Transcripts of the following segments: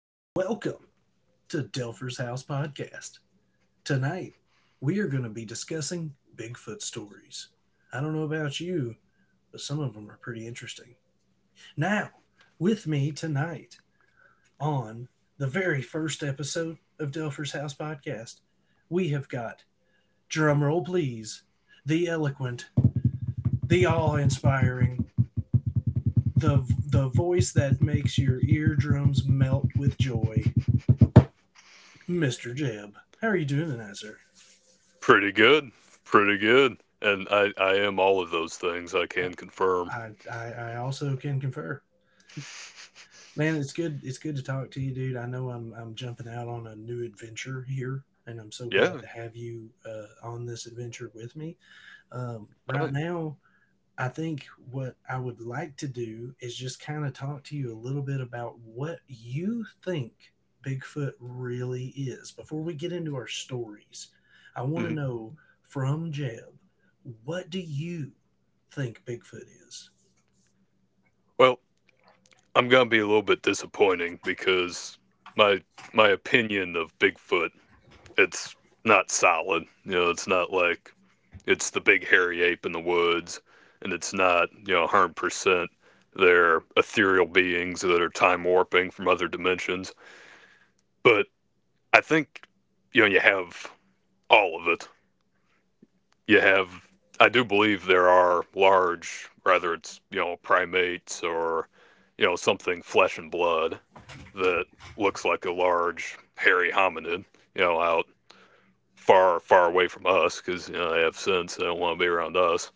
and welcome to Delpher's House Podcast. Tonight, we are going to be discussing Bigfoot stories. I don't know about you, but some of them are pretty interesting. Now, with me tonight on the very first episode of Delpher's House Podcast, we have got, drumroll please, the eloquent, the awe inspiring, the voice that makes your eardrums melt with joy. Mr. Jeb. How are you doing tonight, sir? Pretty good. Pretty good. And I am all of those things, I can confirm. I also can confer. Man, it's good to talk to you, dude. I know I'm jumping out on a new adventure here, and I'm so glad Yeah. to have you on this adventure with me. Right I, now, I think what I would like to do is just kind of talk to you a little bit about what you think Bigfoot really is before we get into our stories. I want to mhm. know from Jeb, what do you think Bigfoot is? Well, I'm going to be a little bit disappointing because my my opinion of Bigfoot, it's not solid. You know, it's not like it's the big hairy ape in the woods, and it's not, you know, 100% they're ethereal beings that are time warping from other dimensions. But I think, you know, you have all of it. You have, I do believe there are large, whether it's, you know, primates or, you know, something flesh and blood that looks like a large hairy hominid, you know, out far far away from us, because you know they have sense, they don't want to be around us,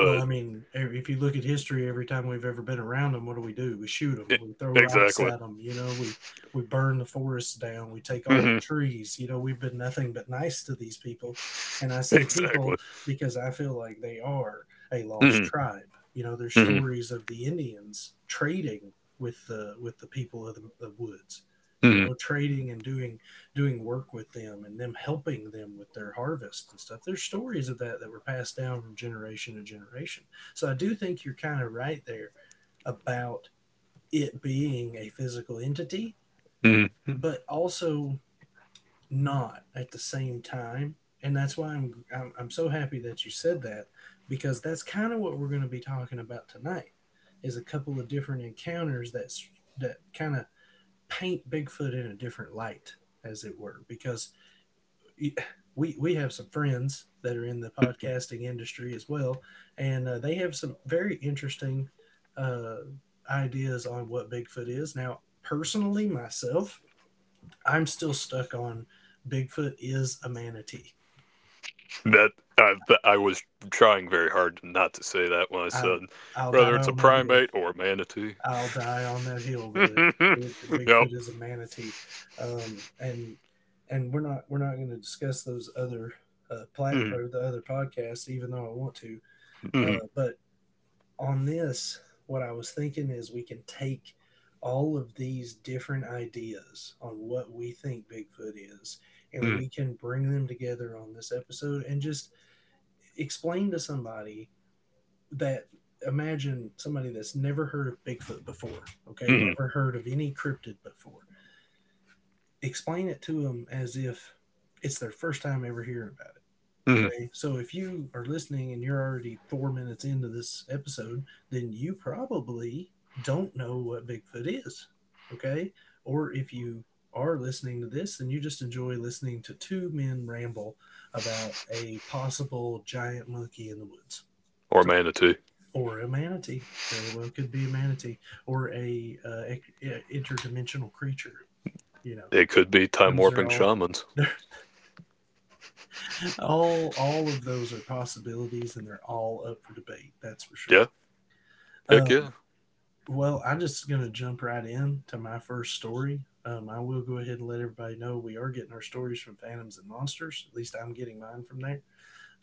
Well, I mean, if you look at history, every time we've ever been around them, what do? We shoot them. it, We throw rocks exactly. at them. You know, we burn the forests down. We take all the hmm. trees. You know, we've been nothing but nice to these people, and I say Exactly. people because I feel like they are a lost hmm tribe. You know, there's hmm stories of the Indians trading with the people of the woods. You hmm know, trading and doing work with them and them helping them with their harvest and stuff. There's stories of that that were passed down from generation to generation. So I do think you're kind of right there about it being a physical entity, hmm but also not at the same time. And that's why I'm so happy that you said that because that's kind of what we're going to be talking about tonight is a couple of different encounters that kind of paint Bigfoot in a different light as it were because we have some friends that are in the podcasting industry as well, and they have some very interesting uh, ideas on what Bigfoot is. Now, personally, myself, I'm still stuck on Bigfoot is a manatee. that that I was trying very hard not to say that when I I said I'll die whether it's a on that hill. primate or a manatee. I'll die on that hill, brother. Yep. Bigfoot is a manatee, and we're not going to discuss those other plat Mm, or the other podcasts, even though I want to. mm, But on this, what I was thinking is we can take all of these different ideas on what we think Bigfoot is, and mm, we can bring them together on this episode and just explain to somebody that imagine somebody that's never heard of Bigfoot before, okay, mm, never heard of any cryptid before. Explain it to them as if it's their first time ever hearing about it. mm. Okay. So if you are listening and you're already 4 minutes into this episode, then you probably don't know what Bigfoot is. Okay. Or if you are listening to this, then you just enjoy listening to two men ramble about a possible giant monkey in the woods. Or So- manatee. or a manatee. Very well could be a manatee or a interdimensional creature. You know, They could be time those are warping all. shamans. All of those are possibilities and they're all up for debate, that's for sure. Yeah. Heck um, yeah. well, I'm just going to jump right in to my first story. I will go ahead and let everybody know we are getting our stories from Phantoms and Monsters, at least I'm getting mine from there.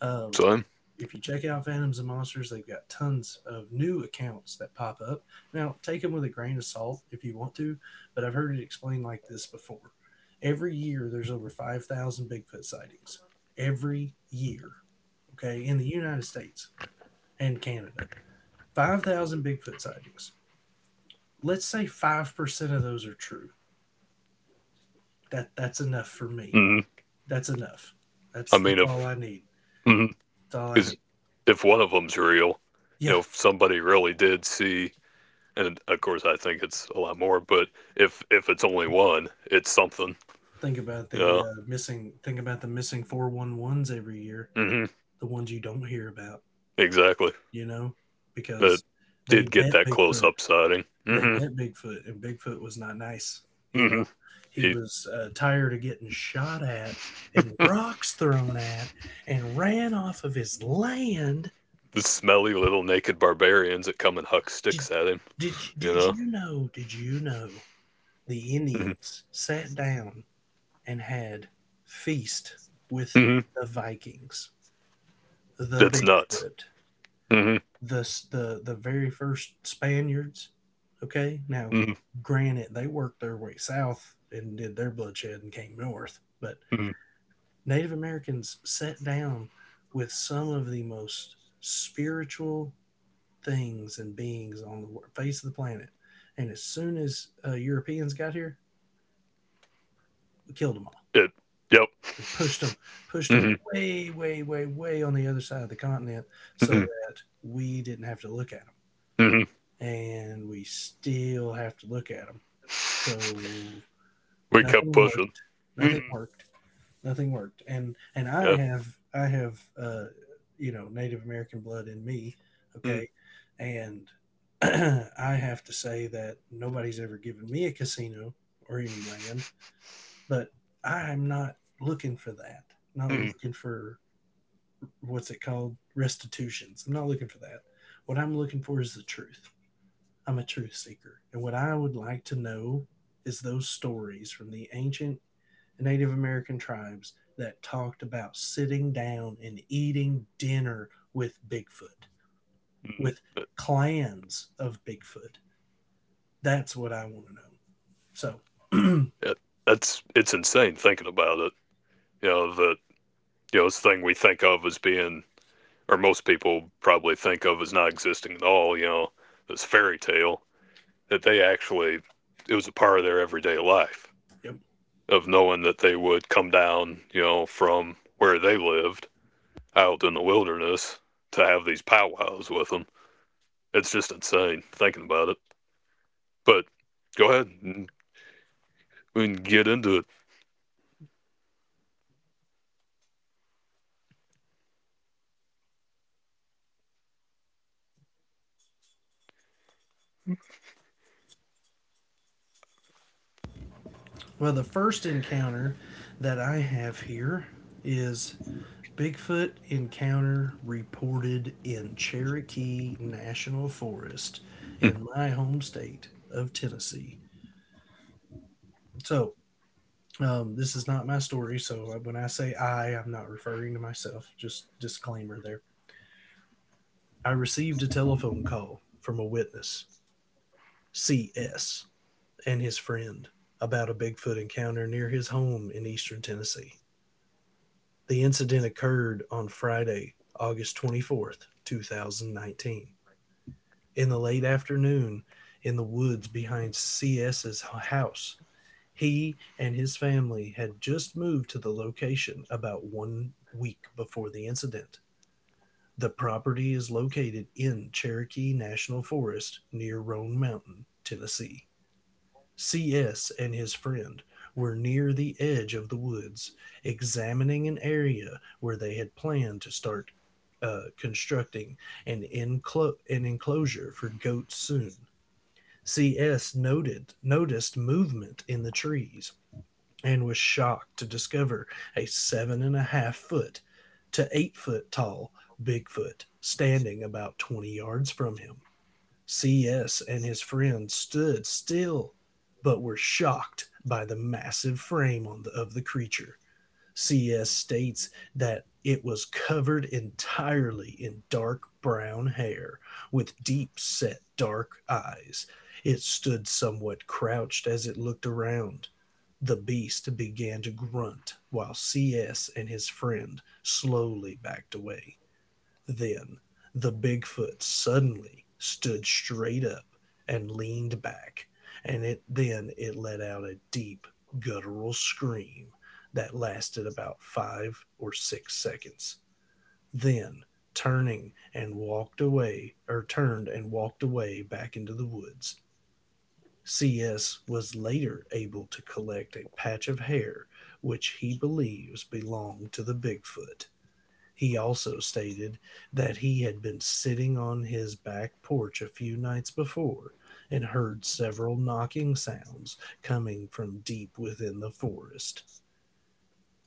um, Son. if you check out Phantoms and Monsters, they've got tons of new accounts that pop up. Now, take them with a grain of salt if you want to, but I've heard it explained like this before. Every year there's over 5,000 Bigfoot sightings every year, okay, in the United States and Canada, 5,000 Bigfoot sightings. Let's say 5% of those are true. That that's enough for me. Mm. That's enough. I That's mean, that's all if I need. mm, That's all I is need. if one of them's real, you Yeah, know, if somebody really did see, and of course I think it's a lot more, but if it's only one, it's something. think about the Yeah. Missing 4 1 ones every year, Hmm. the ones you don't hear about, Exactly. you know, because That they did get met that close Bigfoot. up sighting. They Hmm. met Bigfoot, and Bigfoot was not nice, you Hmm. know? He He was, tired of getting shot at and rocks thrown at and ran off of his land. The smelly little naked barbarians that come and huck Did sticks at him. did you You did know, you know did you know the hmm. Indians sat down and had feast with Hmm. the Vikings, the That's nuts. Bigfoot, hmm the very first Spaniards. Okay, now hmm granted, they worked their way south and did their bloodshed and came north, but hmm. Native Americans sat down with some of the most spiritual things and beings on the face of the planet. And as soon as Europeans got here, we killed them all It. Yep. and pushed them hmm way, way, way, way on the other side of the continent, so hmm that we didn't have to look at 'em, hmm. and we still have to look at them. So We kept nothing pushing. worked. Nothing Hmm. worked. Nothing worked. And I Yeah. have you know, Native American blood in me. hmm Okay, and I have to say that nobody's ever given me a casino or any land, but I'm not looking for that. Not hmm looking for what's it called, restitutions. I'm not looking for that. What I'm looking for is the truth. I'm a truth seeker. And what I would like to know is those stories from the ancient Native American tribes that talked about sitting down and eating dinner with Bigfoot, hmm. with That, clans of Bigfoot. That's what I want to know. So, that's, it's insane thinking about it. You know that, you know it's the thing we think of as being, or most people probably think of as not existing at all. You know, this fairy tale, that they actually, it was a part of their everyday life, yep. of knowing that they would come down, you know, from where they lived out in the wilderness, to have these powwows with them. It's just insane thinking about it. But go ahead, and we can get into it. Well, the first encounter that I have here is Bigfoot encounter reported in Cherokee National Forest in my home state of Tennessee. So, this is not my story. So, when I say I, I'm not referring to myself. Just disclaimer there. I received a telephone call from a witness, C.S., and his friend about a Bigfoot encounter near his home in eastern Tennessee. The incident occurred on Friday, August 24th, 2019, in the late afternoon in the woods behind C.S.'s house. He and his family had just moved to the location about 1 week before the incident. The property is located in Cherokee National Forest near Roan Mountain, Tennessee. CS and his friend were near the edge of the woods, examining an area where they had planned to start constructing an enclosure for goats soon. CS noted noticed movement in the trees and was shocked to discover a seven and a half foot to 8 foot tall Bigfoot standing about 20 yards from him. CS and his friend stood still, but were shocked by the massive frame on of the creature. CS states that it was covered entirely in dark brown hair, with deep set dark eyes. It stood somewhat crouched as it looked around. The beast began to grunt while CS and his friend slowly backed away. Then the Bigfoot suddenly stood straight up and leaned back, and it then it let out a deep guttural scream that lasted about 5 or 6 seconds. Then, turning and walked away. Or turned and walked away back into the woods. CS was later able to collect a patch of hair which he believes belonged to the Bigfoot. He also stated that he had been sitting on his back porch a few nights before and heard several knocking sounds coming from deep within the forest.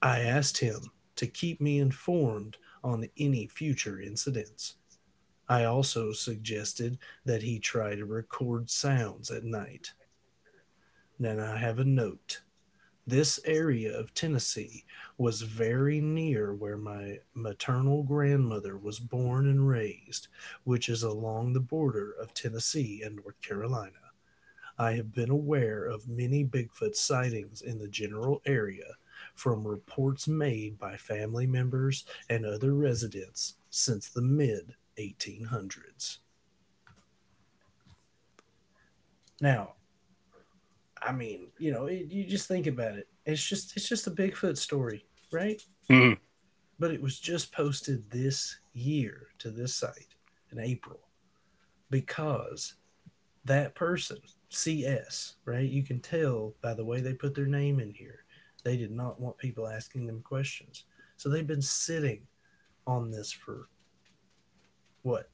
I asked him to keep me informed on any future incidents. I also suggested that he try to record sounds at night. Then I have a note: this area of Tennessee was very near where my maternal grandmother was born and raised, which is along the border of Tennessee and North Carolina. I have been aware of many Bigfoot sightings in the general area from reports made by family members and other residents since the mid 1800s. Now, I mean, you know, it, you just think about it. It's just a Bigfoot story, right? Mm. But it was just posted this year to this site in April because that person, CS, right? You can tell by the way they put their name in here, they did not want people asking them questions. So they've been sitting on this for what,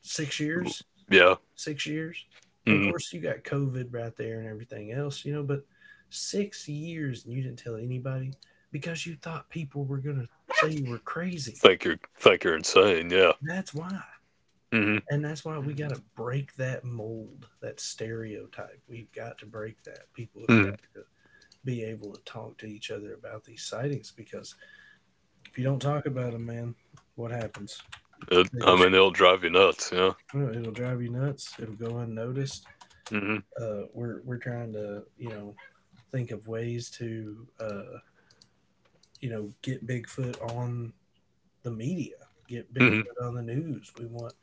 6 years? Yeah. 6 years? And of Mm. course, you got COVID right there and everything else, you know, but 6 years and you didn't tell anybody because you thought people were going to say you were crazy. Think you're insane. Yeah. That's why. Hmm. And that's why we gotta break that mold, that stereotype. We've got to break that. People have Mm. got to be able to talk to each other about these sightings because if you don't talk about them, man, what happens? It, They I mean, just it'll drive you nuts. Yeah. Well, it'll drive you nuts. It'll go unnoticed. hmm We're trying to think of ways to get Bigfoot on the media, get Bigfoot hmm on the news.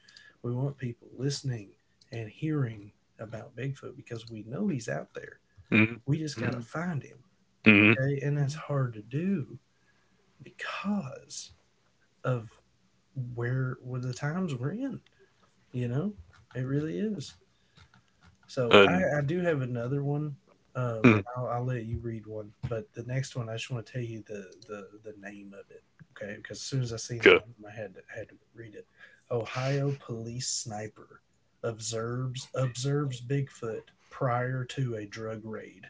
We want people listening and hearing about Bigfoot because we know he's out there. hmm We just got to find him, hmm. okay? And that's hard to do because of where the times we're in, you know? It really is. So And I do have another one, and mm. I'll let you read one. But the next one, I just want to tell you the name of it, okay? Because as soon as I seen the Okay. name, I had to read it. Ohio police sniper observes Bigfoot prior to a drug raid.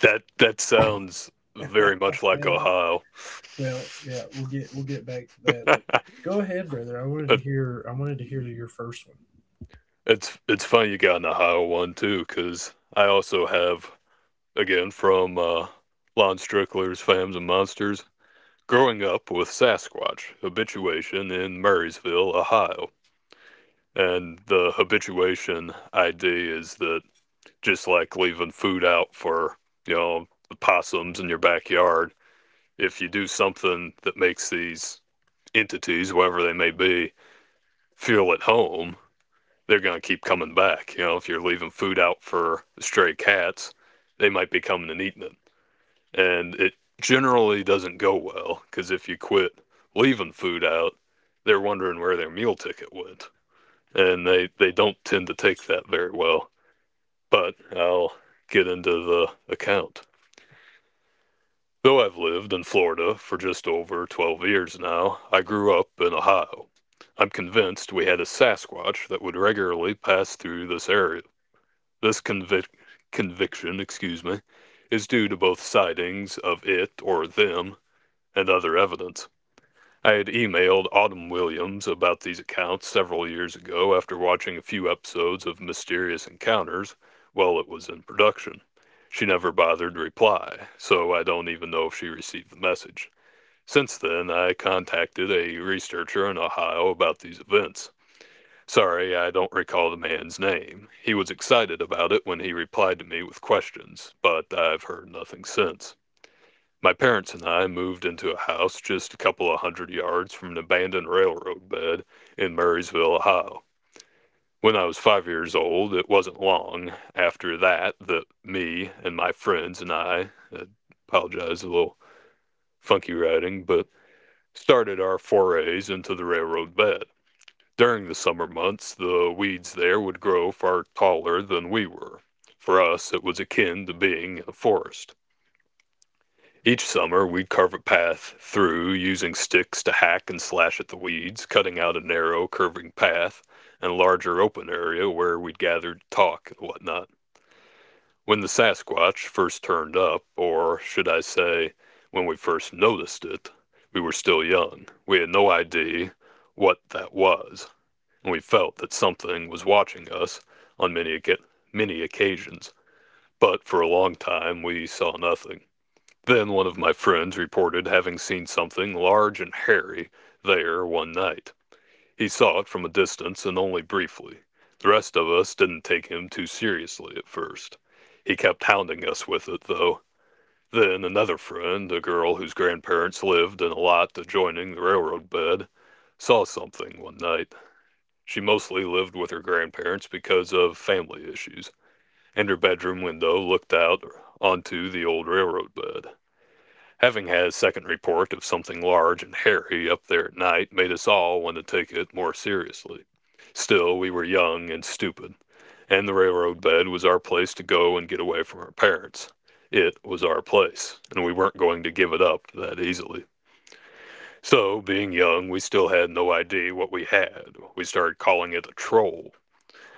That that sounds very much like Uh, Ohio. well, yeah, we'll get back to that, but go ahead, brother. I wanted to It, hear I wanted to hear your first one. it's funny you got an Ohio one too, because I also have, again, from Lon Strickler's Fams and Monsters. Growing up with Sasquatch habituation in Murraysville, Ohio. And the habituation idea is that, just like leaving food out for, you know, the possums in your backyard, if you do something that makes these entities, whatever they may be, feel at home, they're going to keep coming back. You know, if you're leaving food out for stray cats, they might be coming and eating it. And it generally doesn't go well because if you quit leaving food out, they're wondering where their meal ticket went, and they don't tend to take that very well. But I'll get into the account. Though I've lived in Florida for just over 12 years now, I grew up in Ohio. I'm convinced we had a Sasquatch that would regularly pass through this area. This conviction, excuse me, is due to both sightings of it or them and other evidence. I had emailed Autumn Williams about these accounts several years ago after watching a few episodes of Mysterious Encounters while it was in production. She never bothered to reply, so I don't even know if she received the message. Since then, I contacted a researcher in Ohio about these events. Sorry, I don't recall the man's name. He was excited about it when he replied to me with questions, but I've heard nothing since. My parents and I moved into a house just a couple of hundred yards from an abandoned railroad bed in Murraysville, Ohio, when I was 5 years old. It wasn't long after that that me and my friends, and I apologize, a little funky writing, but started our forays into the railroad bed. During the summer months, the weeds there would grow far taller than we were. For us, it was akin to being in a forest. Each summer, we'd carve a path through using sticks to hack and slash at the weeds, cutting out a narrow, curving path and a larger open area where we'd gather to talk and whatnot. When the Sasquatch first turned up, or should I say, when we first noticed it, we were still young. We had no idea what that was, and we felt that something was watching us on many, many occasions. But for a long time, we saw nothing. Then one of my friends reported having seen something large and hairy there one night. He saw it from a distance and only briefly. The rest of us didn't take him too seriously at first. He kept hounding us with it, though. Then another friend, a girl whose grandparents lived in a lot adjoining the railroad bed, saw something one night. She mostly lived with her grandparents because of family issues, and her bedroom window looked out onto the old railroad bed. Having had a second report of something large and hairy up there at night made us all want to take it more seriously. Still, we were young and stupid, and the railroad bed was our place to go and get away from our parents. It was our place, and we weren't going to give it up that easily. So, being young, we still had no idea what we had. We started calling it a troll,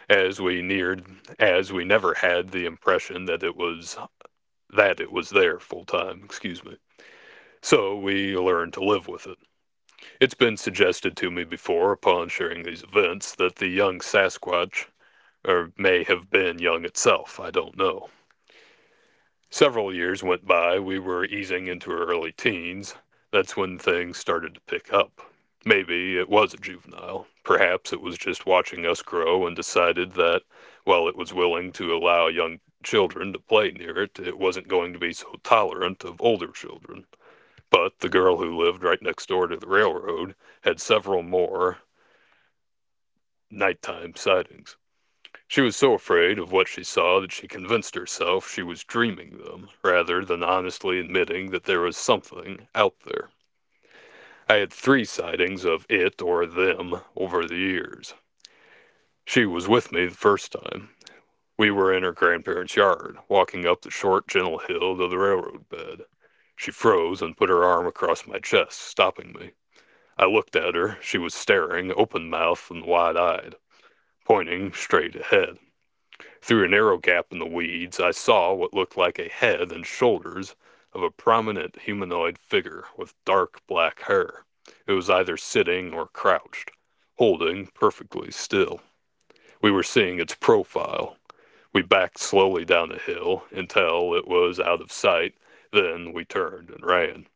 as we neared, as we never had the impression that it was there full time. Excuse me. So we learned to live with it. It's been suggested to me before, upon sharing these events, that the young Sasquatch or may have been young itself, I don't know. Several years went by, we were easing into our early teens. That's when things started to pick up. Maybe it was a juvenile. Perhaps it was just watching us grow and decided that, while it was willing to allow young children to play near it, it wasn't going to be so tolerant of older children. But the girl who lived right next door to the railroad had several more nighttime sightings. She was so afraid of what she saw that she convinced herself she was dreaming them, rather than honestly admitting that there was something out there. I had three sightings of it or them over the years. She was with me the first time. We were in her grandparents' yard, walking up the short, gentle hill to the railroad bed. She froze and put her arm across my chest, stopping me. I looked at her. She was staring, open mouthed and wide eyed, pointing straight ahead. Through a narrow gap in the weeds, I saw what looked like a head and shoulders of a prominent humanoid figure with dark black hair. It was either sitting or crouched, holding perfectly still. We were seeing its profile. We backed slowly down the hill until it was out of sight, then we turned and ran.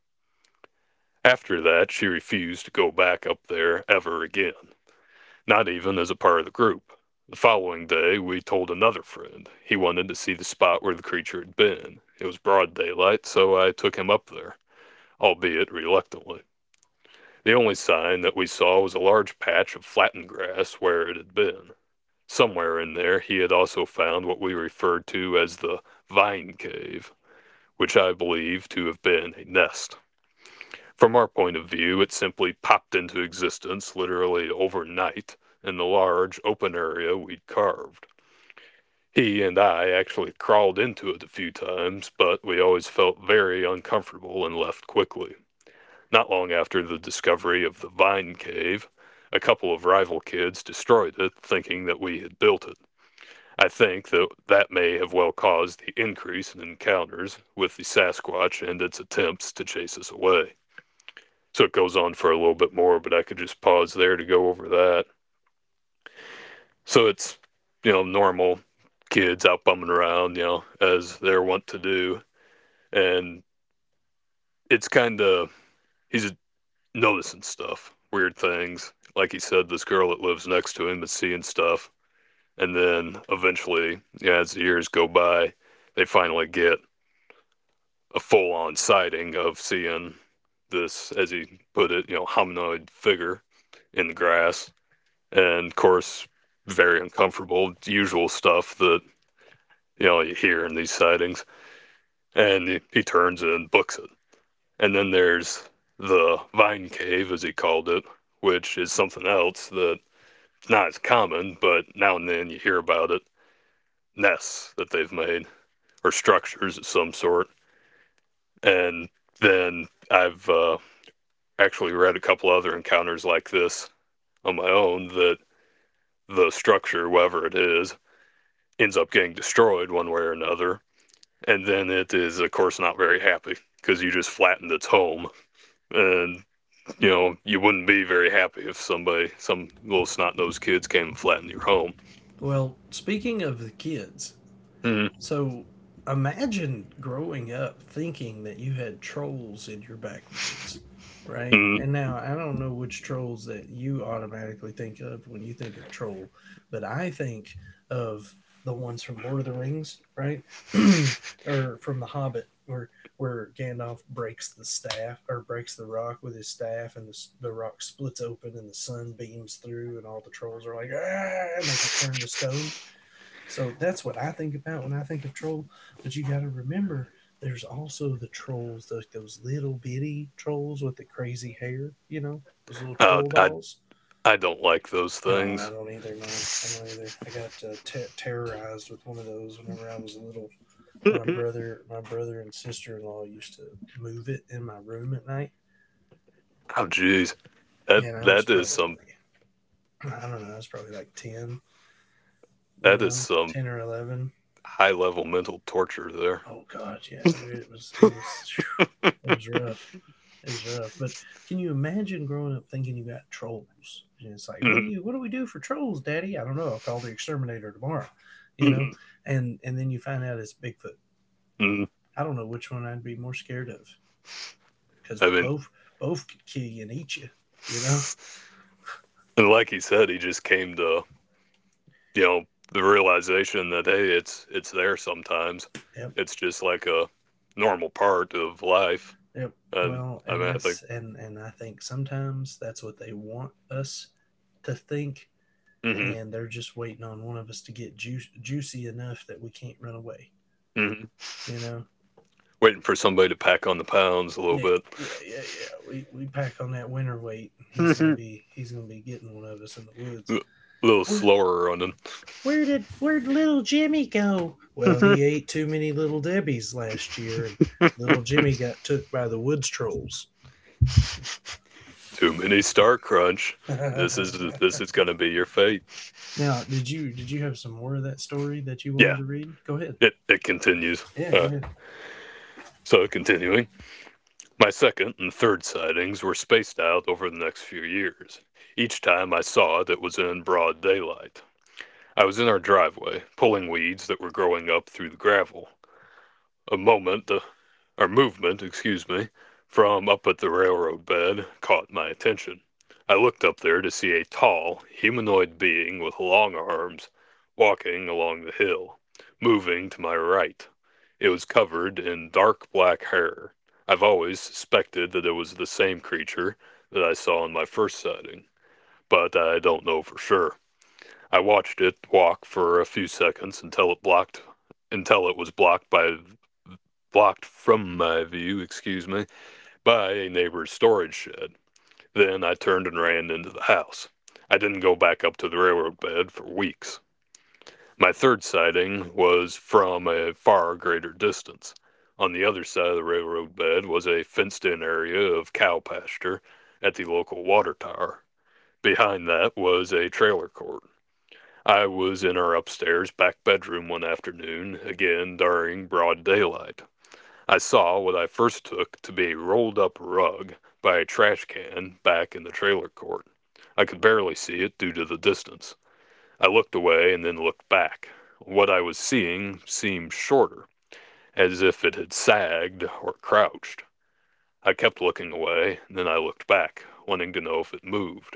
After that, she refused to go back up there ever again, not even as a part of the group. The following day, we told another friend. He wanted to see the spot where the creature had been. It was broad daylight, so I took him up there, albeit reluctantly. The only sign that we saw was a large patch of flattened grass where it had been. Somewhere in there, he had also found what we referred to as the vine cave, which I believe to have been a nest. From our point of view, it simply popped into existence literally overnight in the large open area we'd carved. He and I actually crawled into it a few times, but we always felt very uncomfortable and left quickly. Not long after the discovery of the Vine Cave, a couple of rival kids destroyed it, thinking that we had built it. I think that that may have well caused the increase in encounters with the Sasquatch and its attempts to chase us away. So it goes on for a little bit more, but I could just pause there to go over that. So it's, you know, normal kids out bumming around, you know, as they're wont to do. And it's kind of, he's noticing stuff, weird things. Like he said, this girl that lives next to him is seeing stuff. And then eventually, yeah, as the years go by, they finally get a full on sighting of seeing this, as he put it, you know, hominoid figure in the grass. And of course, very uncomfortable usual stuff that you hear in these sightings. And he turns and books it. And then there's the vine cave, as he called it, which is something else that, not as common, but now and then you hear about it. Nests that they've made or structures of some sort. And then I've actually read a couple other encounters like this on my own, that the structure, whatever it is, ends up getting destroyed one way or another. And then it is of course not very happy, because you just flattened its home. And you wouldn't be very happy if somebody, some little snot-nosed kids came and flattened your home. Well, speaking of the kids, Mm. so imagine growing up thinking that you had trolls in your backwoods, right? Mm. And now I don't know which trolls that you automatically think of when you think of troll, but I think of the ones from Lord of the Rings, right? Or from The Hobbit, where Gandalf breaks the staff or breaks the rock with his staff, and the rock splits open and the sun beams through, and all the trolls are like, ah, and they get turned to stone, so that's what I think about when I think of troll. But you got to remember, there's also the trolls, those little bitty trolls with the crazy hair. You know, those little Uh, troll i dolls. I don't like those No, I things. don't either, man. I don't either. I got terrorized with one of those whenever I was little. My Oh brother, my brother and sister-in-law used to move it in my room at night, jeez, that and I was that is probably, some I don't know, I was probably like 10, you that is know, some 10 or 11. high level mental torture there. Oh god, yeah, dude. It was, it was, phew, it was rough. It was rough. But can you imagine growing up thinking you got trolls? And it's like, what do you, what do we do for trolls, Daddy? I don't know. I'll call the exterminator tomorrow. You I know? And then you find out it's Bigfoot. I don't know which one I'd be more scared of. Because mean, both could kill you and eat you, you know? and like he said, he just came to you know the realization that hey, it's there sometimes. Yep. It's just like a normal part of life. Yep. And Well, I and mean, I think. that's and I think sometimes that's what they want us to think, Hmm. and they're just waiting on one of us to get juicy enough that we can't run away. Hmm. You know, Waiting for somebody to pack on the pounds a little yeah, bit. yeah, yeah, yeah. We pack on that winter weight, and he's gonna A be he's gonna be getting one of us in the woods. little Where slower on them. where'd little Jimmy go? Well, he ate too many little Debbies last year, and little Jimmy got took by the woods trolls. Too many star crunch. this is Now, this is gonna be your fate. did you have some more of that story that you wanted Yeah, to read? Go ahead. it continues. Yeah, go uh ahead. so continuing, my second and third sightings were spaced out over the next few years. Each time I saw it, it was in broad daylight. I was in our driveway, pulling weeds that were growing up through the gravel. A moment, or movement, excuse me, from up at the railroad bed caught my attention. I looked up there to see a tall, humanoid being with long arms walking along the hill, moving to my right. It was covered in dark black hair. I've always suspected that it was the same creature that I saw in my first sighting, but I don't know for sure. I watched it walk for a few seconds until it was blocked from my view, excuse me, by a neighbor's storage shed. Then I turned and ran into the house. I didn't go back up to the railroad bed for weeks. My third sighting was from a far greater distance. On the other side of the railroad bed was a fenced in area of cow pasture at the local water tower. Behind that was a trailer court. I was in our upstairs back bedroom one afternoon, again during broad daylight. I saw what I first took to be a rolled up rug by a trash can back in the trailer court. I could barely see it due to the distance. I looked away and then looked back. What I was seeing seemed shorter, as if it had sagged or crouched. I kept looking away, and then I looked back, wanting to know if it moved.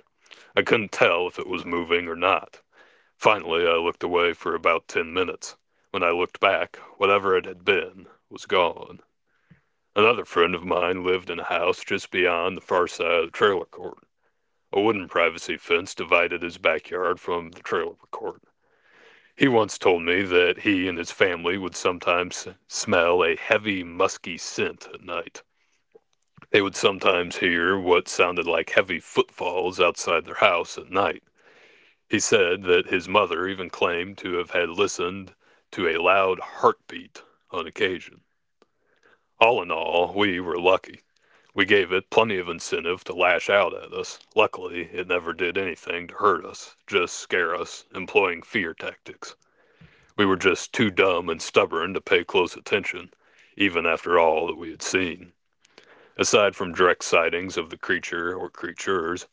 I couldn't tell if it was moving or not. Finally I looked away for about 10 minutes. When I looked back, whatever it had been was gone. Another friend of mine lived in a house just beyond the far side of the trailer court. A wooden privacy fence divided his backyard from the trailer court. He once told me that he and his family would sometimes smell a heavy, musky scent at night. They would sometimes hear what sounded like heavy footfalls outside their house at night. He said that his mother even claimed to have had listened to a loud heartbeat on occasion. All in all, we were lucky. We gave it plenty of incentive to lash out at us. Luckily, it never did anything to hurt us, just scare us, employing fear tactics. We were just too dumb and stubborn to pay close attention, even after all that we had seen. Aside from direct sightings of the creature or creatures,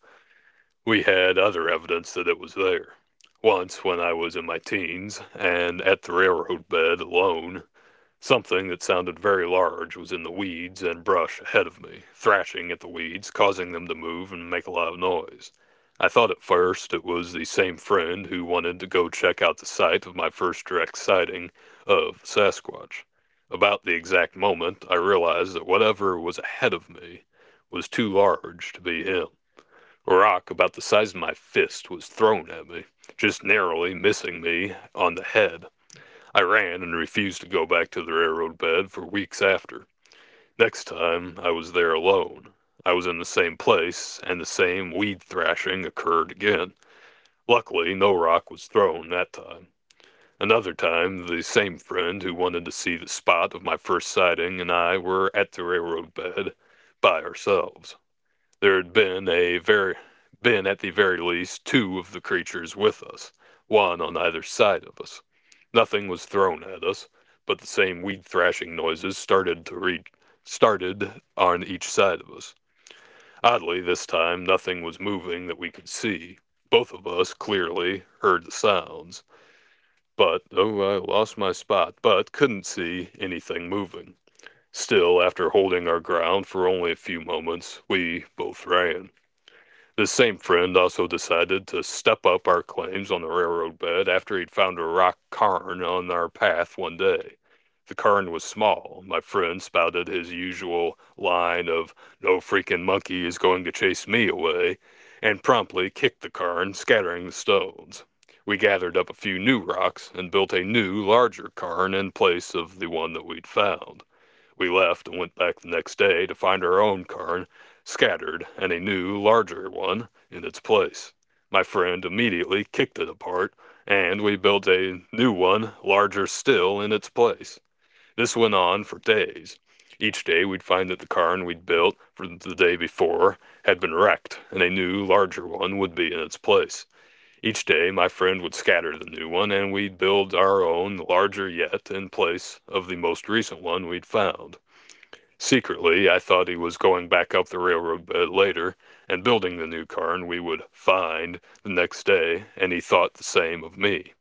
we had other evidence that it was there. Once, when I was in my teens and at the railroad bed alone, something that sounded very large was in the weeds and brush ahead of me, thrashing at the weeds, causing them to move and make a loud noise. I thought at first it was the same friend who wanted to go check out the site of my first direct sighting of Sasquatch. About the exact moment, I realized that whatever was ahead of me was too large to be him. A rock about the size of my fist was thrown at me, just narrowly missing me on the head. I ran and refused to go back to the railroad bed for weeks after. Next time I was there alone. I was in the same place and the same weed thrashing occurred again. Luckily, no rock was thrown that time. Another time, the same friend who wanted to see the spot of my first sighting and I were at the railroad bed by ourselves. There had been a very been at the very least two of the creatures with us, one on either side of us. Nothing was thrown at us, but the same weed thrashing noises started on each side of us. Oddly, this time nothing was moving that we could see. Both of us clearly heard the sounds, but though I lost my spot, but couldn't see anything moving. Still, after holding our ground for only a few moments, we both ran. This same friend also decided to step up our claims on the railroad bed after he'd found a rock cairn on our path one day. The cairn was small. My friend spouted his usual line of, no freaking monkey is going to chase me away, and promptly kicked the cairn, scattering the stones. We gathered up a few new rocks and built a new, larger cairn in place of the one that we'd found. We left and went back the next day to find our own cairn scattered and a new, larger one in its place. My friend immediately kicked it apart, and we built a new one, larger still, in its place. This went on for days. Each day we'd find that the cairn we'd built for the day before had been wrecked, and a new, larger one would be in its place. Each day my friend would scatter the new one, and we'd build our own, larger yet, in place of the most recent one we'd found. Secretly, I thought he was going back up the railroad bed later and building the new cairn we would "find" the next day, and he thought the same of me.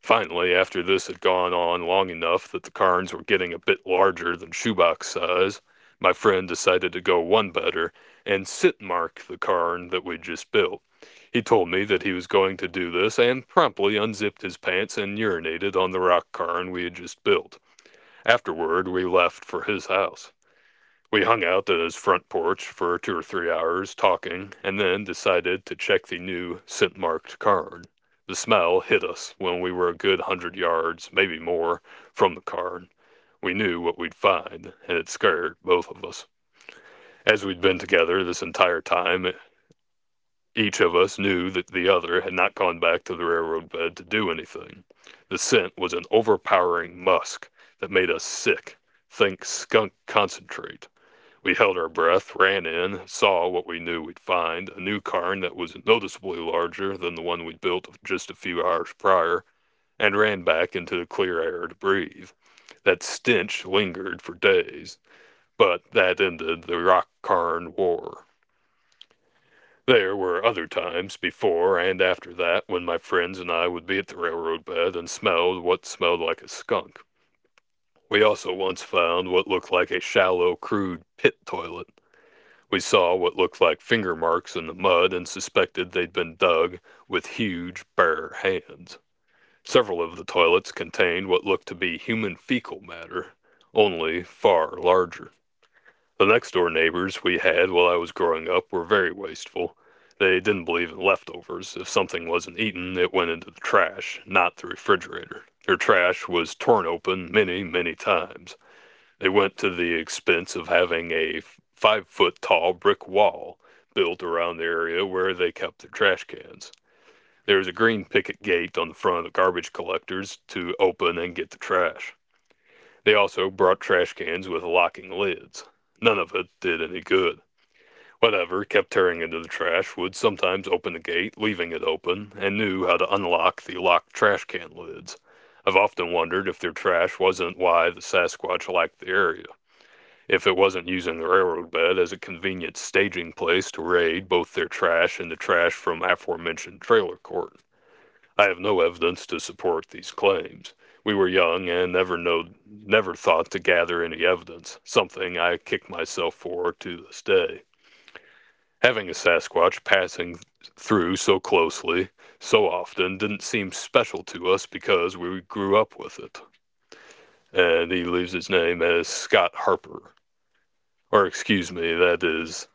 Finally, after this had gone on long enough that the cairns were getting a bit larger than shoebox size, my friend decided to go one better and "sit mark" the cairn that we'd just built. He told me that he was going to do this and promptly unzipped his pants and urinated on the rock cairn we had just built. Afterward we left for his house. We hung out at his front porch for 2 or 3 hours talking, and then decided to check the new scent marked card. The smell hit us when we were a good 100 yards, maybe more, from the card. We knew what we'd find, and it scared both of us. As we'd been together this entire time, each of us knew that the other had not gone back to the railroad bed to do anything. The scent was an overpowering musk that made us sick. Think skunk concentrate. We held our breath, ran in, saw what we knew we'd find, a new cairn that was noticeably larger than the one we'd built just a few hours prior, and ran back into the clear air to breathe. That stench lingered for days, but that ended the rock cairn war. There were other times before and after that when my friends and I would be at the railroad bed and smelled what smelled like a skunk. We also once found what looked like a shallow, crude pit toilet. We saw what looked like finger marks in the mud and suspected they'd been dug with huge, bare hands. Several of the toilets contained what looked to be human fecal matter, only far larger. The next door neighbors we had while I was growing up were very wasteful. They didn't believe in leftovers. If something wasn't eaten, it went into the trash, not the refrigerator. Their trash was torn open many, many times. They went to the expense of having a 5 foot tall brick wall built around the area where they kept their trash cans. There is a green picket gate on the front of the garbage collectors to open and get the trash. They also brought trash cans with locking lids. None of it did any good. Whatever kept tearing into the trash would sometimes open the gate, leaving it open, and knew how to unlock the locked trash can lids. I've often wondered if their trash wasn't why the Sasquatch liked the area, if it wasn't using the railroad bed as a convenient staging place to raid both their trash and the trash from aforementioned trailer court. I have no evidence to support these claims. We were young and never thought to gather any evidence, something I kick myself for to this day. Having a Sasquatch passing through so closely, so often, didn't seem special to us because we grew up with it. And he leaves his name as Scott Harper. Or, excuse me, that is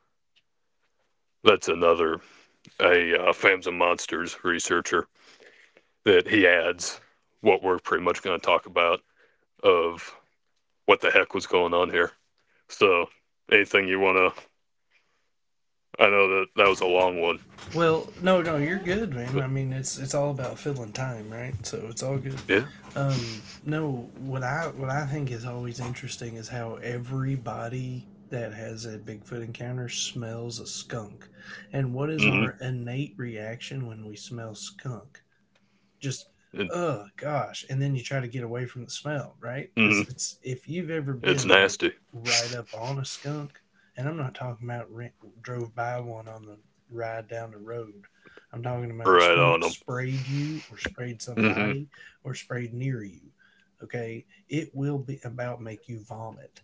That's another a Fams and Monsters researcher that he adds what we're pretty much going to talk about of what the heck was going on here. So anything you want to, I know that that was a long one, Well, no, no, you're good, man. but I mean, it's all about filling time, right? So it's all good. yeah. No, what I think is always interesting is how everybody that has a Bigfoot encounter smells a skunk, and what is Hmm. our innate reaction when we smell skunk? Just, it, oh gosh, and then you try to get away from the smell, right? Because mhm. it's, if you've ever It's been like nasty, right up on a skunk, and I'm not talking about drove by one on the ride down the road, I'm talking about a right on skunk them. sprayed you or sprayed Hmm. somebody or sprayed near you, okay, it will be about make you vomit.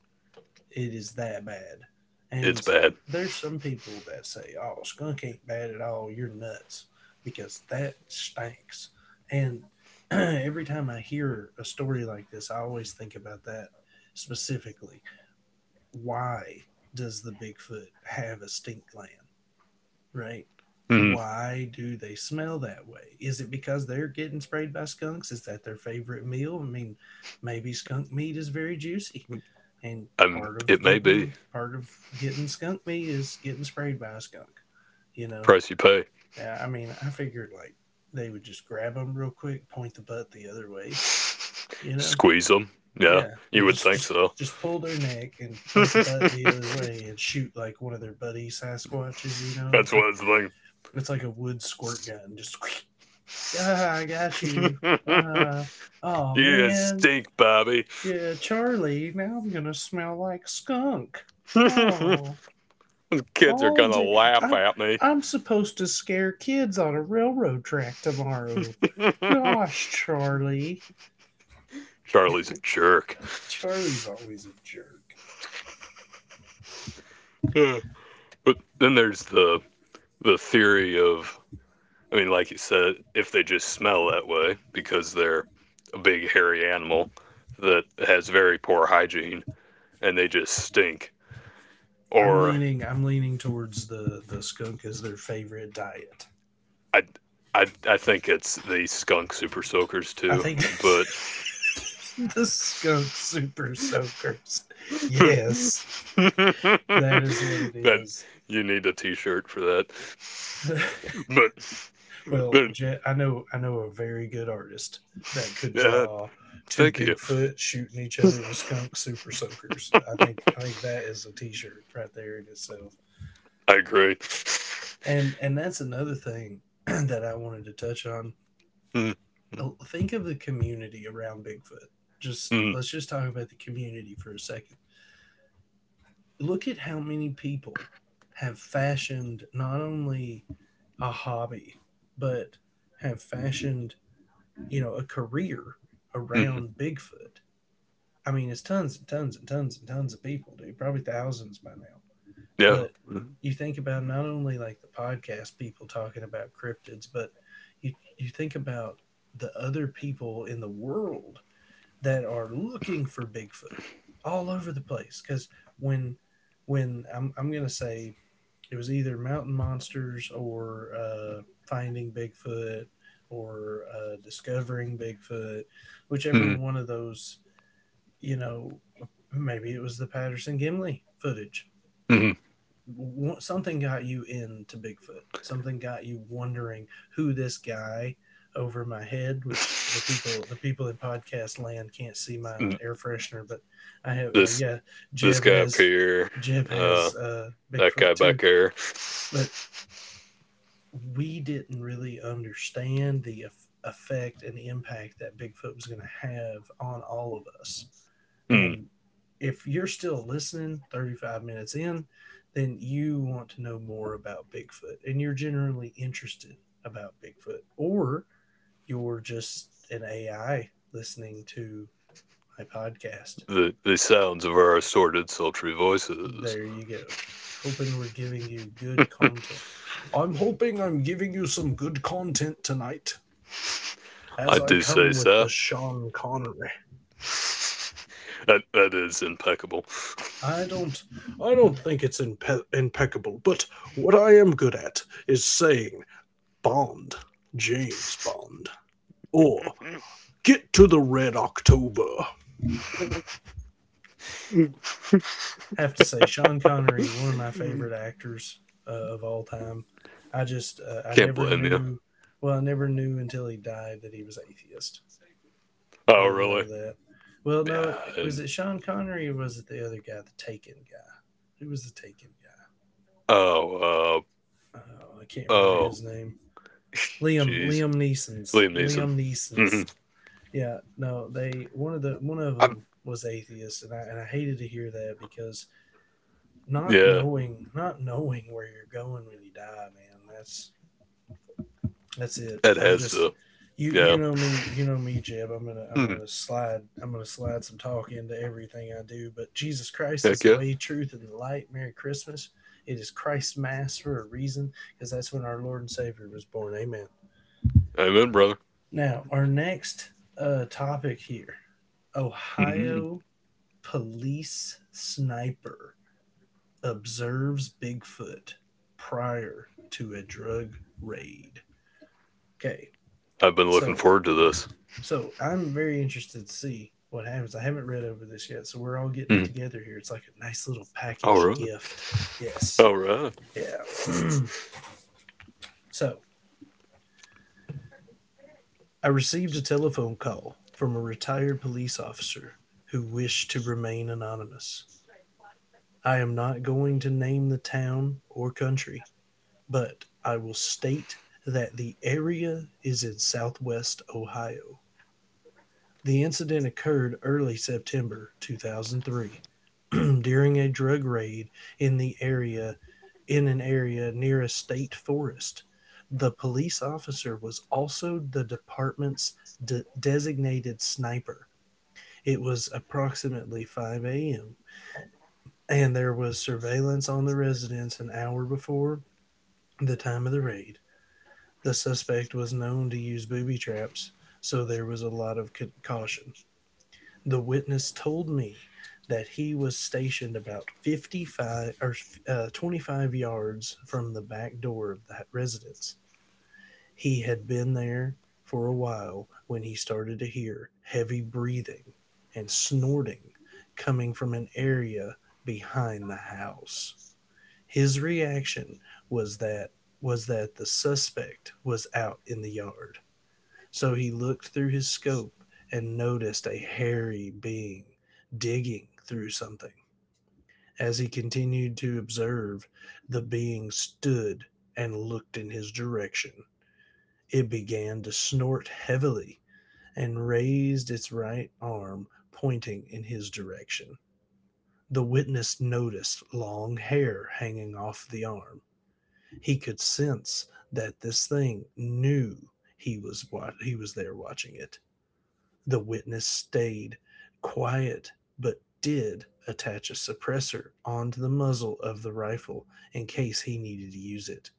It is that bad. It's And bad. there's some people that say, "Oh, skunk ain't bad at all. You're nuts," because that stinks. And every time I hear a story like this, I always think about that specifically. Why does the Bigfoot have a stink gland? Right? Hmm. Why do they smell that way? Is it because they're getting sprayed by skunks? Is that their favorite meal? I mean, maybe skunk meat is very juicy, and I'm, part of it may be the getting part of getting skunk meat is getting sprayed by a skunk. You know, price you pay. yeah, I mean, I figured like they would just grab them real quick, point the butt the other way. You know, Squeeze them. Yeah, yeah, it you would just think so. Pull their neck and point the butt the other That's way and shoot like one of their buddy Sasquatches. You know, what it's like a wood squirt it's gun. Just ah, I got you. Uh like. huh. Oh You man, stink, Bobby. yeah, Charlie. Now I'm gonna smell like skunk. Oh. Kids are All gonna day. laugh I'm at me. I'm supposed to scare kids on a railroad track tomorrow. Gosh, Charlie. Charlie's a jerk. Charlie's always a jerk. But then there's the theory of, I mean, like you said, if they just smell that way because they're a big hairy animal that has very poor hygiene and they just stink. I'm Or leaning I'm leaning towards the skunk as their favorite diet. I I think it's the skunk super soakers I too, think but the skunk super soakers. Yes, that is what it that, is. you need a t-shirt for that. But Well, then, Jet, I know a very good artist that could yeah, draw two thank you. Bigfoot shooting each other with skunk super soakers. I think that is a t-shirt right there in itself. I agree. And that's another thing that I wanted to touch on. Mm, Think of the community around Bigfoot. Just mm, let's just talk about the community for a second. Look at how many people have fashioned not only a hobby, but have fashioned a career mm, around Bigfoot. I mean, it's tons and tons and tons and tons of people, dude, probably thousands by now. yeah. But you think about not only like the podcast people talking about cryptids, but you think about the other people in the world that are looking for Bigfoot all over the place. Because when when I'm gonna say it was either Mountain Monsters or Finding Bigfoot or Discovering Bigfoot, whichever Mm, one of those. You know, maybe it was the Patterson Gimli footage. mm. Something got you into Bigfoot. Something got you wondering who this guy over my head, which the people in podcast land can't see my air freshener, but I have This yeah, this Jeb guy up has here, Jeb uh, has that Bigfoot guy back too. there. But we didn't really understand the effect and impact that Bigfoot was going to have on all of us. Mm, And if you're still listening 35 minutes in, then you want to know more about Bigfoot and you're generally interested about Bigfoot, or you're just an AI listening to my podcast. the sounds of our assorted sultry voices. There you go. Hoping we're giving you good content. I'm hoping I'm giving you some good content tonight, as I I do say come with the so. Sean Connery. That is impeccable. I don't, I don't think it's impeccable. But what I am good at is saying Bond, James Bond, or get to the Red October. I have to say, Sean Connery, one of my favorite actors of all time. I just, I Can't never blame you. knew. Well, I never knew until he died that he was atheist. I Oh didn't really? know that. Well, Yeah. no, was and it Sean Connery or was it the other guy, the Taken guy? Who was the Taken guy? Oh, Oh, I can't remember oh, his name. Liam jeez, Liam Neeson's Liam Neeson. Liam Hmm. Neeson's. Yeah, no, they one of the one of I'm, them was atheist, and I hated to hear that because not yeah, knowing not knowing where you're going when you die, man. That's it. that I'm has just to. you Yeah. You know me Jeb. I'm gonna I'm Hmm. gonna slide I'm gonna slide some talk into everything I do. But Jesus Christ is Heck the yeah. way, truth, and the light. Merry Christmas. It is Christ's Mass for a reason, because that's when our Lord and Savior was born. Amen. Amen, brother. Now, our next topic here: Hmm. Ohio police sniper observes Bigfoot prior to a drug raid. Okay, I've been looking so forward to this. so I'm very interested to see what happens. I haven't read over this yet, so we're all getting it Mhm. together here. It's like a nice little All package right. gift. Yes. All right. Yeah. So I received a telephone call from a retired police officer who wished to remain anonymous. I am not going to name the town or country, but I will state that the area is in southwest Ohio. The incident occurred early September 2003 during a drug raid in the area in an area near a state forest. The police officer was also the department's designated sniper. It was approximately 5 a.m. and there was surveillance on the residence an hour before the time of the raid. The suspect was known to use booby traps, so there was a lot of caution. The witness told me that he was stationed about 55 or 25 yards from the back door of that residence. He had been there for a while when he started to hear heavy breathing and snorting coming from an area behind the house. His reaction was that was that the suspect was out in the yard. So he looked through his scope and noticed a hairy being digging through something. As he continued to observe, the being stood and looked in his direction. It began to snort heavily and raised its right arm, pointing in his direction. The witness noticed long hair hanging off the arm. He could sense that this thing knew he was there watching it. The witness stayed quiet, but did attach a suppressor onto the muzzle of the rifle in case he needed to use it.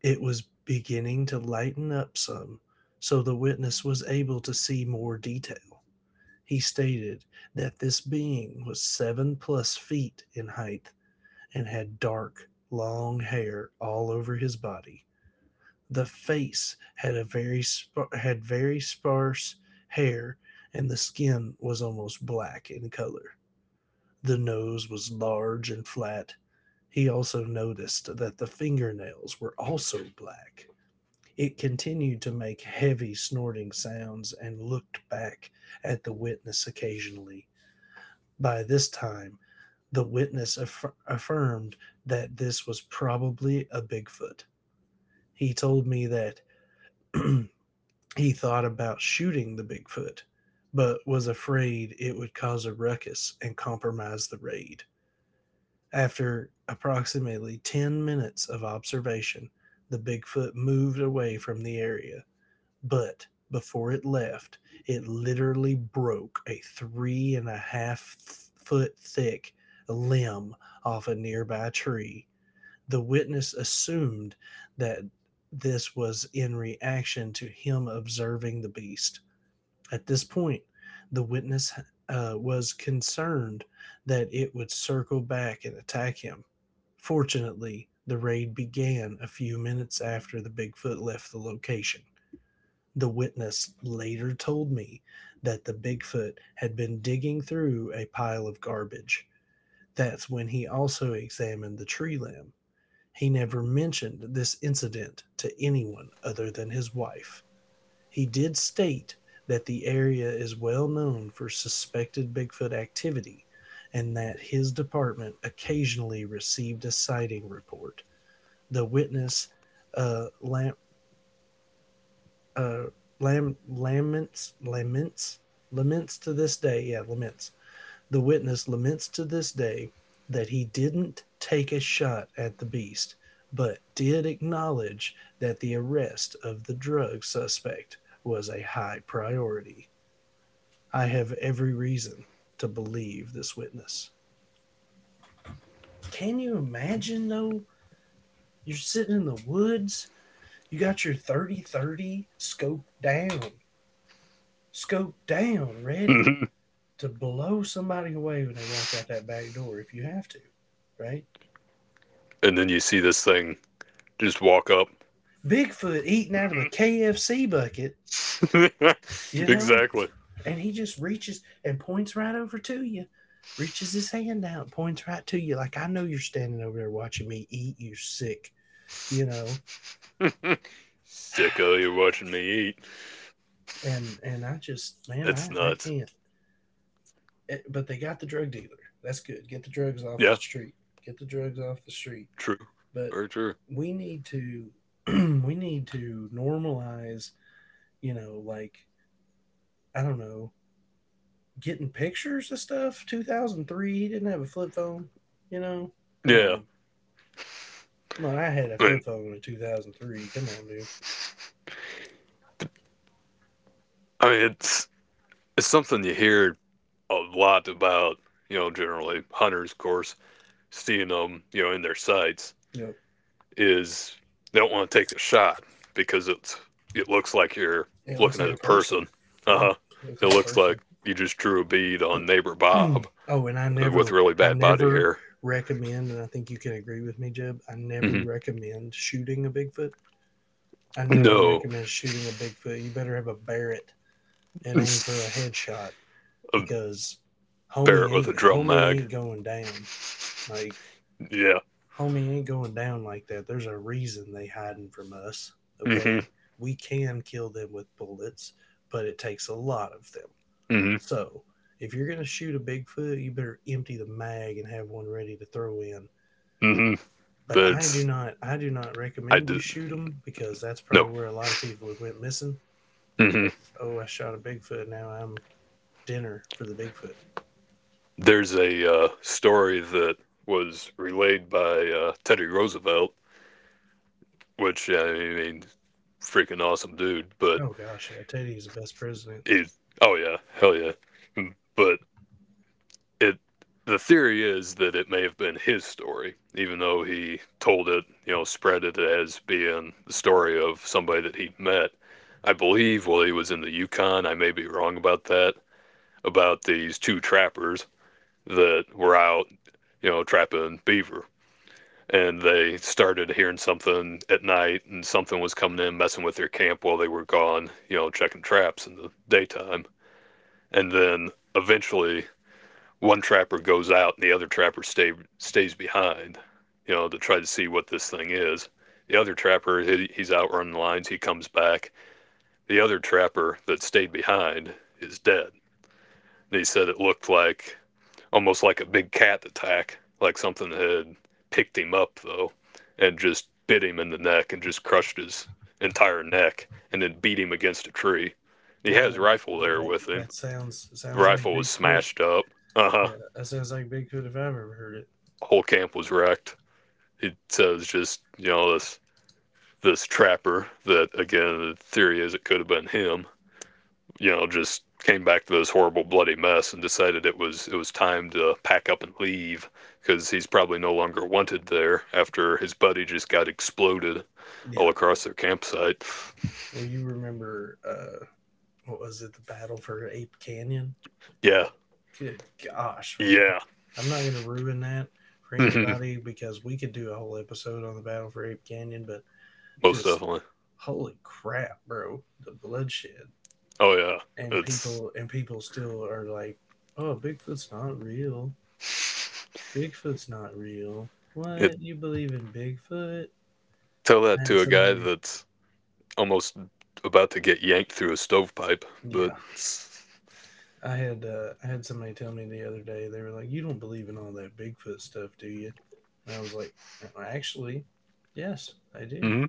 It was beginning to lighten up some, so the witness was able to see more detail. He stated that this being was 7+ feet in height and had dark, long hair all over his body. The face had very sparse hair, and the skin was almost black in color. The nose was large and flat. He also noticed that the fingernails were also black. It continued to make heavy snorting sounds and looked back at the witness occasionally. By this time, the witness affirmed that this was probably a Bigfoot. He told me that he thought about shooting the Bigfoot, but was afraid it would cause a ruckus and compromise the raid. After approximately 10 minutes of observation, the Bigfoot moved away from the area, but before it left, it literally broke a 3.5-foot thick limb off a nearby tree. The witness assumed that this was in reaction to him observing the beast. At this point, the witness was concerned that it would circle back and attack him. Fortunately, the raid began a few minutes after the Bigfoot left the location. The witness later told me that the Bigfoot had been digging through a pile of garbage. That's when he also examined the tree limb. He never mentioned this incident to anyone other than his wife. He did state that the area is well known for suspected Bigfoot activity and that his department occasionally received a sighting report. The witness uh, lam, uh, lam, laments, laments, laments to this day, yeah, laments. The witness laments to this day that he didn't take a shot at the beast, but did acknowledge that the arrest of the drug suspect was a high priority. I have every reason to believe this witness. Can you imagine though? You're sitting in the woods, you got your .30-30 scope down, ready Mhm. to blow somebody away when they walk out that back door if you have to, right? And then you see this thing just walk up. Bigfoot eating out of a Mhm. KFC bucket, you know, Exactly. and he just reaches and points right over to you, reaches his hand out, points right to you, like, I know you're standing over there watching me eat, you sick, you know. Sicko, you're watching me eat. And I just, man, That's I nuts. can't. Eh, but they got the drug dealer. That's good. Get the drugs off the Yeah, street. Get the drugs off the street. true. But Very true. we need to we need to normalize. You know, like I don't know, getting pictures of stuff. 2003, he didn't have a flip phone. You know, come Yeah. on, come on. I had a I mean, flip phone in 2003. Come on, dude. I mean, it's something you hear a lot about, you know, generally hunters, of course, seeing them, you know, in their sights Yep. is they don't want to take the shot because it looks like you're It looks looking like at a a person. person. Uh Yeah, huh. looks It like a looks like person. you just drew a bead on neighbor Bob, Oh, and with really I bad body never hair. recommend, and I think you can agree with me, Jeb. I never Hmm. recommend shooting a Bigfoot. I never No, recommend shooting a Bigfoot. You better have a Barrett a and aim for a headshot because Barrett with a drum homie mag. ain't going down. Like Yeah. homie ain't going down like that. There's a reason they hiding from us. Hmm. Okay, we can kill them with bullets, but it takes a lot of them. Hmm. So if you're going to shoot a Bigfoot, you better empty the mag and have one ready to throw in. Hmm. But But I do not I recommend you did shoot them because that's no. probably where a lot of people have went missing. Mm-hmm. It's, oh, I shot a Bigfoot. Now I'm dinner for the Bigfoot. There's a story that was relayed by Teddy Roosevelt, which, I mean, freaking awesome dude. But Oh gosh, yeah, Teddy's the best president. he's oh yeah, hell yeah. Hmm. But it the theory is that it may have been his story, even though he told it, you know, spread it as being the story of somebody that he'd met. I believe while he was in the Yukon, I may be wrong about that, about these two trappers that were out, you know, trapping beaver, and they started hearing something at night, and something was coming in messing with their camp while they were gone, you know, checking traps in the daytime, and then eventually one trapper goes out and the other trapper stays behind, you know, to try to see what this thing is. The other trapper, he's out running lines, he comes back. The other trapper that stayed behind is dead, and he said it looked like almost like a big cat attack, like something had picked him up though, and just bit him in the neck and just crushed his entire neck, and then beat him against a tree. He had his Uh, rifle there That, with him. that sounds The like rifle was Bigfoot. smashed up. Uh huh. Yeah, that sounds like Bigfoot if I've ever heard it. Whole camp was wrecked. He says, just, you know, this trapper that, again, the theory is it could have been him, you know, just came back to this horrible bloody mess and decided it was time to pack up and leave, because he's probably no longer wanted there after his buddy just got exploded all Yeah. across their campsite. Well, you remember what was it? The battle for Ape Canyon. Yeah, Good gosh, man. yeah, I'm not going to ruin that for anybody because we could do a whole episode on the Battle for Ape Canyon, but most just definitely. holy crap, bro. The bloodshed Oh yeah, it's and people still are like, "Oh, Bigfoot's not real. Bigfoot's not real. it. What? You believe in Bigfoot?" Tell that I to had a guy somebody that's almost about to get yanked through a stovepipe, but. Yeah, I had somebody tell me the other day. They were like, "You don't believe in all that Bigfoot stuff, do you?" And I was like, "Actually, yes, I do." Mhm.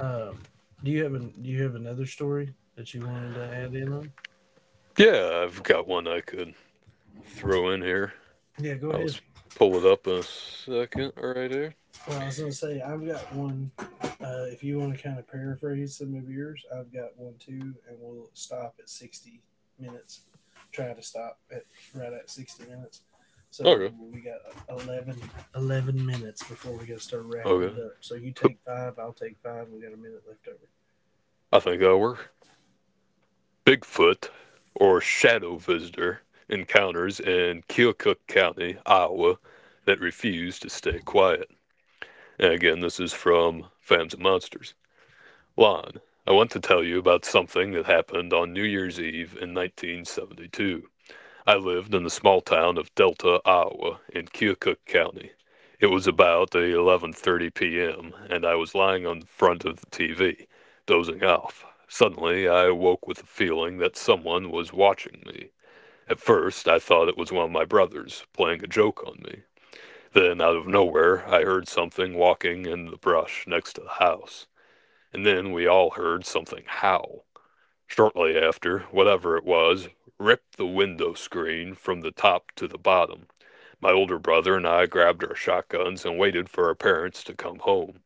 Um, do you have do you have another story that you wanted to add in on? Yeah, I've got one I could throw in here. Yeah, go I'll ahead. pull it up in a second right here. Well, I was gonna say I've got one. If you want to kind of paraphrase some of yours, I've got one too, and we'll stop at 60 minutes. Try to stop at right at 60 minutes. So Okay. we got 11 11 minutes before we got to start wrapping it Okay. up. So you take five, I'll take five. We got a minute left over. I think that'll work. Bigfoot or shadow visitor encounters in Keokuk County, Iowa, that refuse to stay quiet. And again, this is from Fams and Monsters. Lon, I want to tell you about something that happened on New Year's Eve in 1972. I lived in the small town of Delta, Iowa, in Keokuk County. It was about 11:30 p.m., and I was lying on the front of the TV, dozing off. Suddenly, I awoke with the feeling that someone was watching me. At first, I thought it was one of my brothers playing a joke on me. Then, out of nowhere, I heard something walking in the brush next to the house, and then we all heard something howl. Shortly after, whatever it was ripped the window screen from the top to the bottom. My older brother and I grabbed our shotguns and waited for our parents to come home.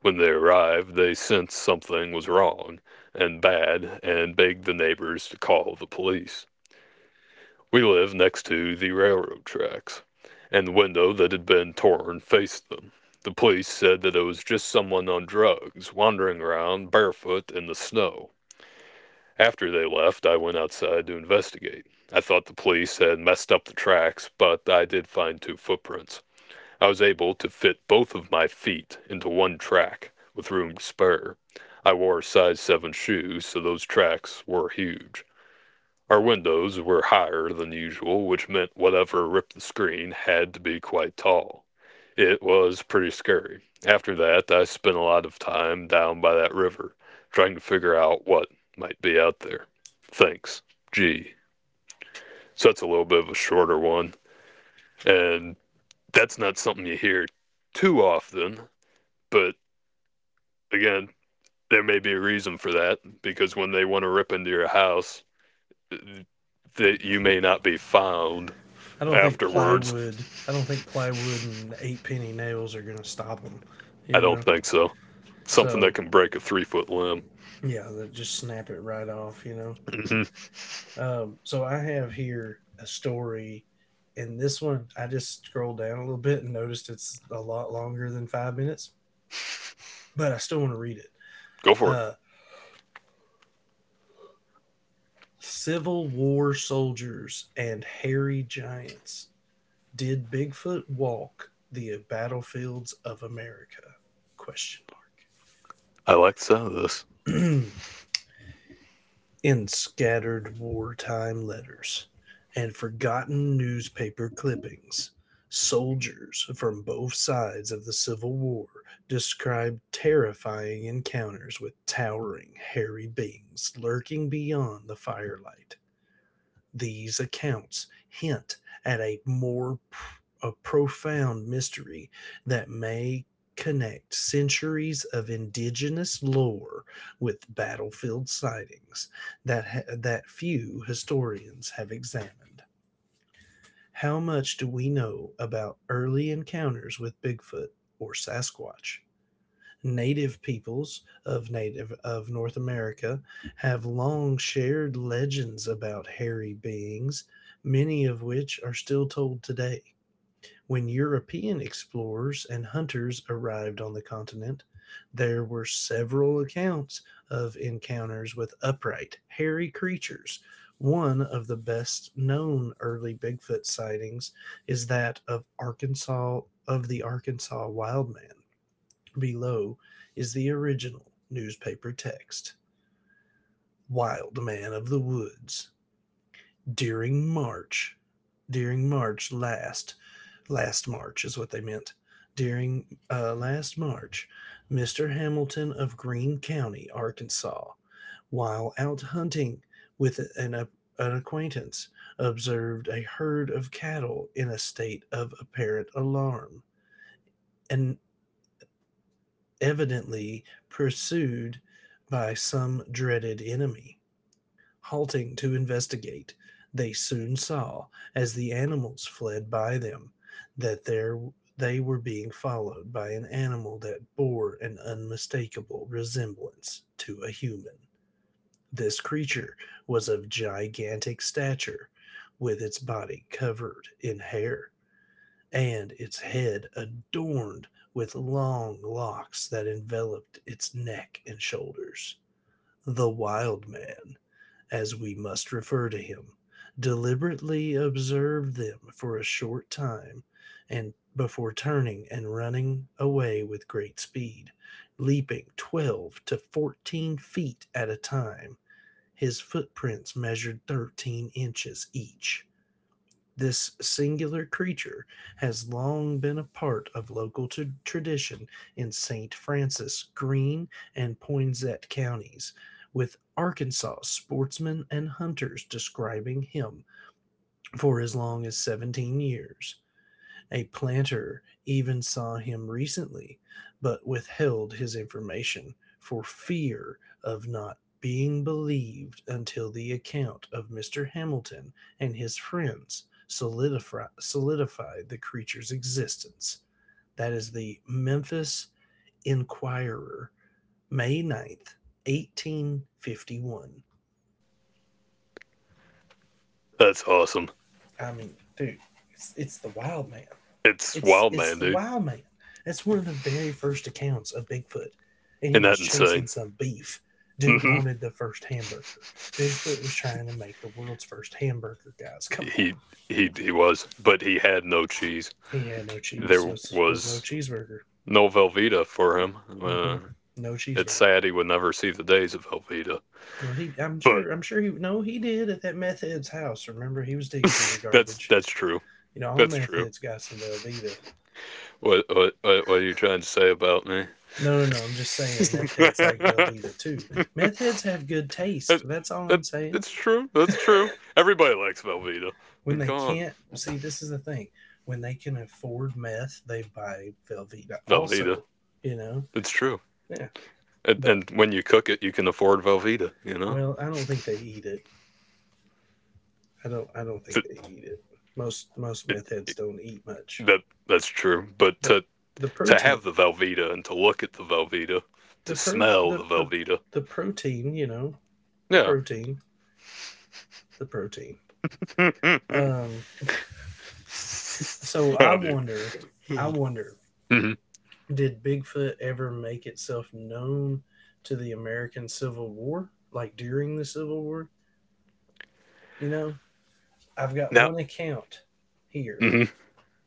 When they arrived, they sensed something was wrong and bad and begged the neighbors to call the police. We lived next to the railroad tracks, and the window that had been torn faced them. The police said that it was just someone on drugs wandering around barefoot in the snow. After they left, I went outside to investigate. I thought the police had messed up the tracks, but I did find two footprints. I was able to fit both of my feet into one track, with room to spare. I wore size 7 shoes, so those tracks were huge. Our windows were higher than usual, which meant whatever ripped the screen had to be quite tall. It was pretty scary. After that, I spent a lot of time down by that river, trying to figure out what might be out there. Thanks. Gee. So that's a little bit of a shorter one, and that's not something you hear too often, but again, there may be a reason for that, because when they want to rip into your house, that you may not be found I don't think afterwards. plywood. I don't think plywood and eight penny nails are gonna stop them. I You don't know. think so. Something that So can break a 3-foot limb. yeah, that just snap it right off, you know. Hmm. So I have here a story, and this one I just scrolled down a little bit and noticed it's a lot longer than 5 minutes, but I still want to read it. Go for it. Uh, Civil War soldiers and hairy giants. Did Bigfoot walk the battlefields of America? Question I like the sound of this. mark. In scattered wartime letters and forgotten newspaper clippings. Soldiers from both sides of the Civil War described terrifying encounters with towering, hairy beings lurking beyond the firelight. These accounts hint at a profound mystery that may connect centuries of indigenous lore with battlefield sightings that few historians have examined. How much do we know about early encounters with Bigfoot or Sasquatch? Native peoples of native of North America have long shared legends about hairy beings, many of which are still told today. When European explorers and hunters arrived on the continent, there were several accounts of encounters with upright, hairy creatures. One of the best known early Bigfoot sightings is that of Arkansas of the Arkansas Wildman. Below is the original newspaper text. Wild Man of the Woods. During March, during March last, Last March is what they meant. During last March, Mr. Hamilton of Greene County, Arkansas, while out hunting with an, uh, an acquaintance, observed a herd of cattle in a state of apparent alarm, and evidently pursued by some dreaded enemy. Halting to investigate, they soon saw, as the animals fled by them, that there they were being followed by an animal that bore an unmistakable resemblance to a human. This creature was of gigantic stature, with its body covered in hair and its head adorned with long locks that enveloped its neck and shoulders. The wild man, as we must refer to him, deliberately observed them for a short time and before turning and running away with great speed, leaping 12 to 14 feet at a time. His footprints measured 13 inches each. This singular creature has long been a part of tradition in St. Francis, Greene, and Poinsett counties, with Arkansas sportsmen and hunters describing him for as long as 17 years. A planter even saw him recently, but withheld his information for fear of not being believed until the account of Mr. Hamilton and his friends solidified the creature's existence. That is the Memphis Inquirer, May 9th, 1851. That's awesome. I mean, dude, it's the wild man. It's wild, It's man, the dude. Wild Man. That's one of the very first accounts of Bigfoot, and he Isn't was that chasing insane? some beef. Dude Hmm. wanted the first hamburger. Bigfoot was trying to make the world's first hamburger. Guys, come on. He he was, but he had no cheese. He had no cheese. There Was no was cheeseburger. no Velveeta for him. Hmm. No It's cheeseburger. sad he would never see the days of Velveeta. Well, he. I'm But sure. I'm sure he. No, he did at that meth head's house. Remember, he was digging through the that's garbage. that's true. You know, all That's meth true. heads got some Velveeta. What are you trying to say about me? No, no, no. I'm just saying, meth heads like Velveeta too. Meth heads have good taste. It, That's all I'm it, saying. it's true. That's true. Everybody likes Velveeta. When And they come on, can't, see, this is the thing. When they can afford meth, they buy Velveeta Velveeta. also, you know? It's true. Yeah. And, But, and when you cook it, you can afford Velveeta. You know, well, I don't think they eat it. I don't think it, they eat it. Most it, meth heads it, don't eat much. that that's true. But But to the protein, have the Velveeta, and to look at the Velveeta, to the pro, smell the the, the, Velveeta, the protein, you know, the yeah. protein, the protein. Um, so How do? I wonder, Mm-hmm. did Bigfoot ever make itself known to the American Civil War, like during the Civil War? You know, I've got Now, one account here hmm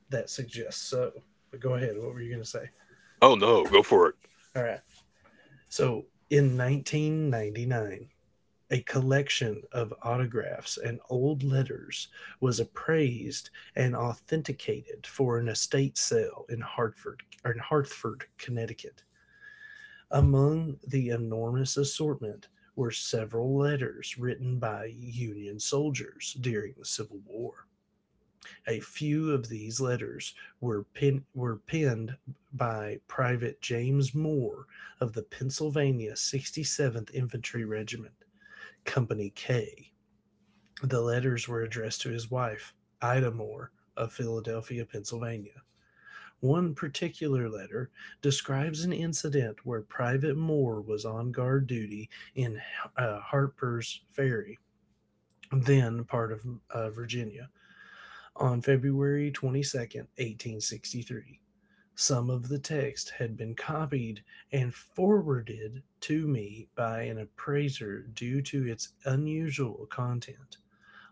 that suggests so. But go ahead. What were you going to say? Oh no, go for it. All right. So in 1999, a collection of autographs and old letters was appraised and authenticated for an estate sale in Hartford, or in Hartford, Connecticut. Among the enormous assortment were several letters written by Union soldiers during the Civil War. A few of these letters were penned by Private James Moore of the Pennsylvania 67th Infantry Regiment, Company K. The letters were addressed to his wife, Ida Moore, of Philadelphia, Pennsylvania. One particular letter describes an incident where Private Moore was on guard duty in Harper's Ferry, then part of Virginia on February 22, 1863. Some of the text had been copied and forwarded to me by an appraiser due to its unusual content.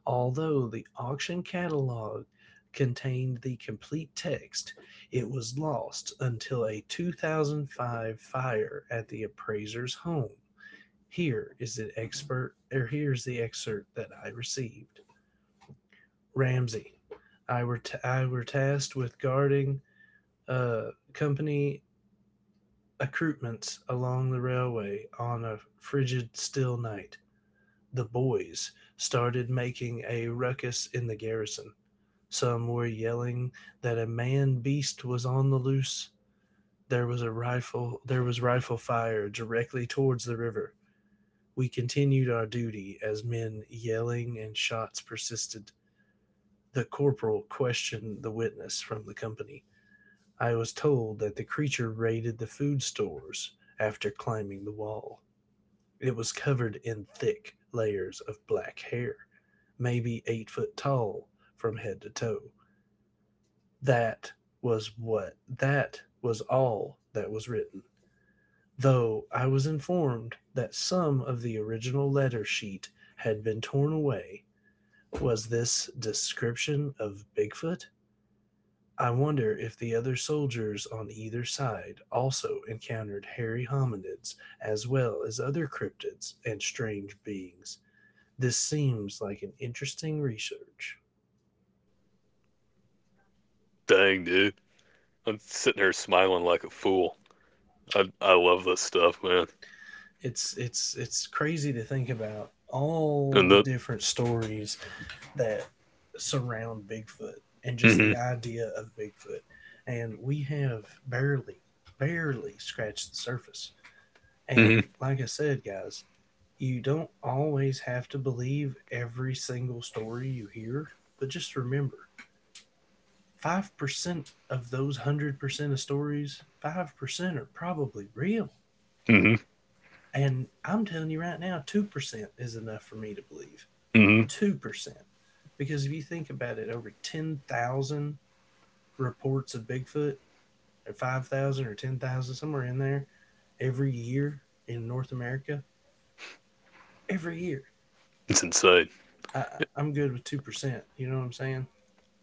Although the auction catalog contained the complete text, it was lost until a 2005 fire at the appraiser's home. Here is the expert, or here's the excerpt that I received. Ramsey. I were tasked with guarding company accoutrements along the railway on a frigid, still night. The boys started making a ruckus in the garrison. Some were yelling that a man beast was on the loose. There was a rifle. There was rifle fire directly towards the river. We continued our duty as men yelling and shots persisted. The corporal questioned the witness from the company. I was told that the creature raided the food stores after climbing the wall. It was covered in thick layers of black hair, maybe 8 foot tall from head to toe. That that was all that was written, though I was informed that some of the original letter sheet had been torn away. Was this description of Bigfoot? I wonder if the other soldiers on either side also encountered hairy hominids as well as other cryptids and strange beings. This seems like an interesting research. Dang, dude, I'm sitting there smiling like a fool. I love this stuff, man. It's crazy to think about all And the that. different stories that surround Bigfoot and just Mm-hmm. the idea of Bigfoot. And we have barely scratched the surface. Mm-hmm. And like I said, guys, you don't always have to believe every single story you hear, but just remember 5% of those 100% of stories, 5% are probably real. Mm-hmm. And I'm telling you right now, 2% is enough for me to believe. Mm-hmm. 2%. Because if you think about it, over 10,000 reports of Bigfoot, or 5,000 or 10,000, somewhere in there, every year in North America, every year It's insane. I, am good with 2%. You know what I'm saying?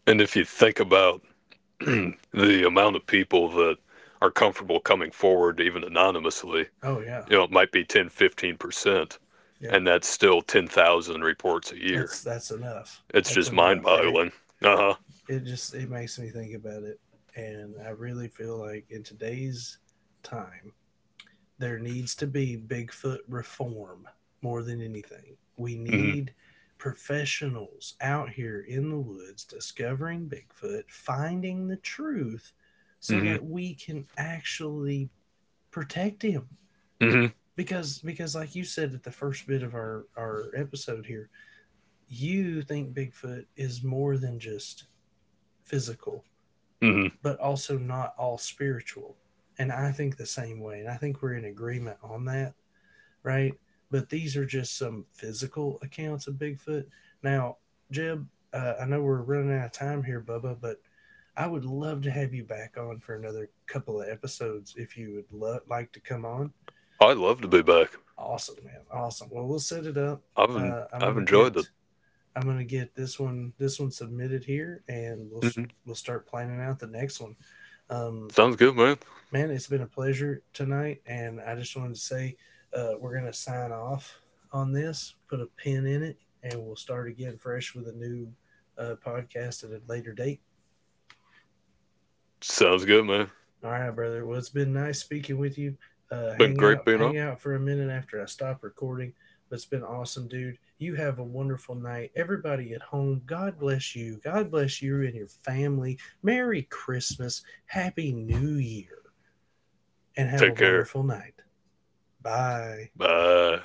And if you think about the amount of people that are comfortable coming forward, even anonymously, Oh yeah, you know, it might be 10, 15%, yep. and that's still 10,000 reports a year. That's enough. It's That's just mind enough, right? boggling. Uh huh. It makes me think about it, and I really feel like in today's time there needs to be Bigfoot reform more than anything. We Mm-hmm. need professionals out here in the woods discovering Bigfoot, finding the truth, so Mm-hmm. that we can actually protect him Mm-hmm. because like you said at the first bit of our episode here you think bigfoot is more than just physical Mm-hmm. but also not all spiritual, and I think the same way, and I think we're in agreement on that, right? But these are just some physical accounts of bigfoot now. Jeb, I know we're running out of time here bubba, but I would love to have you back on for another couple of episodes if you would like to come on. I'd love to be back. Awesome, man. Awesome. Well, we'll set it up. I've, en- Uh, I'm I've gonna enjoyed it. get I'm gonna get this one submitted here, and Mm hmm we'll start planning out the next one. Um, Sounds good, man. man, it's been a pleasure tonight, and I just wanted to say we're gonna sign off on this, put a pin in it, and we'll start again fresh with a new podcast at a later date. Sounds good, man. It's All right, brother. Well, it's been nice speaking with you. Been great being Hang on. out for a minute after I stop recording. But it's been awesome, dude. You have a wonderful night. Everybody at home, God bless you. God bless you and your family. Merry Christmas. Happy New Year. And have a Take care. wonderful night. Bye. Bye.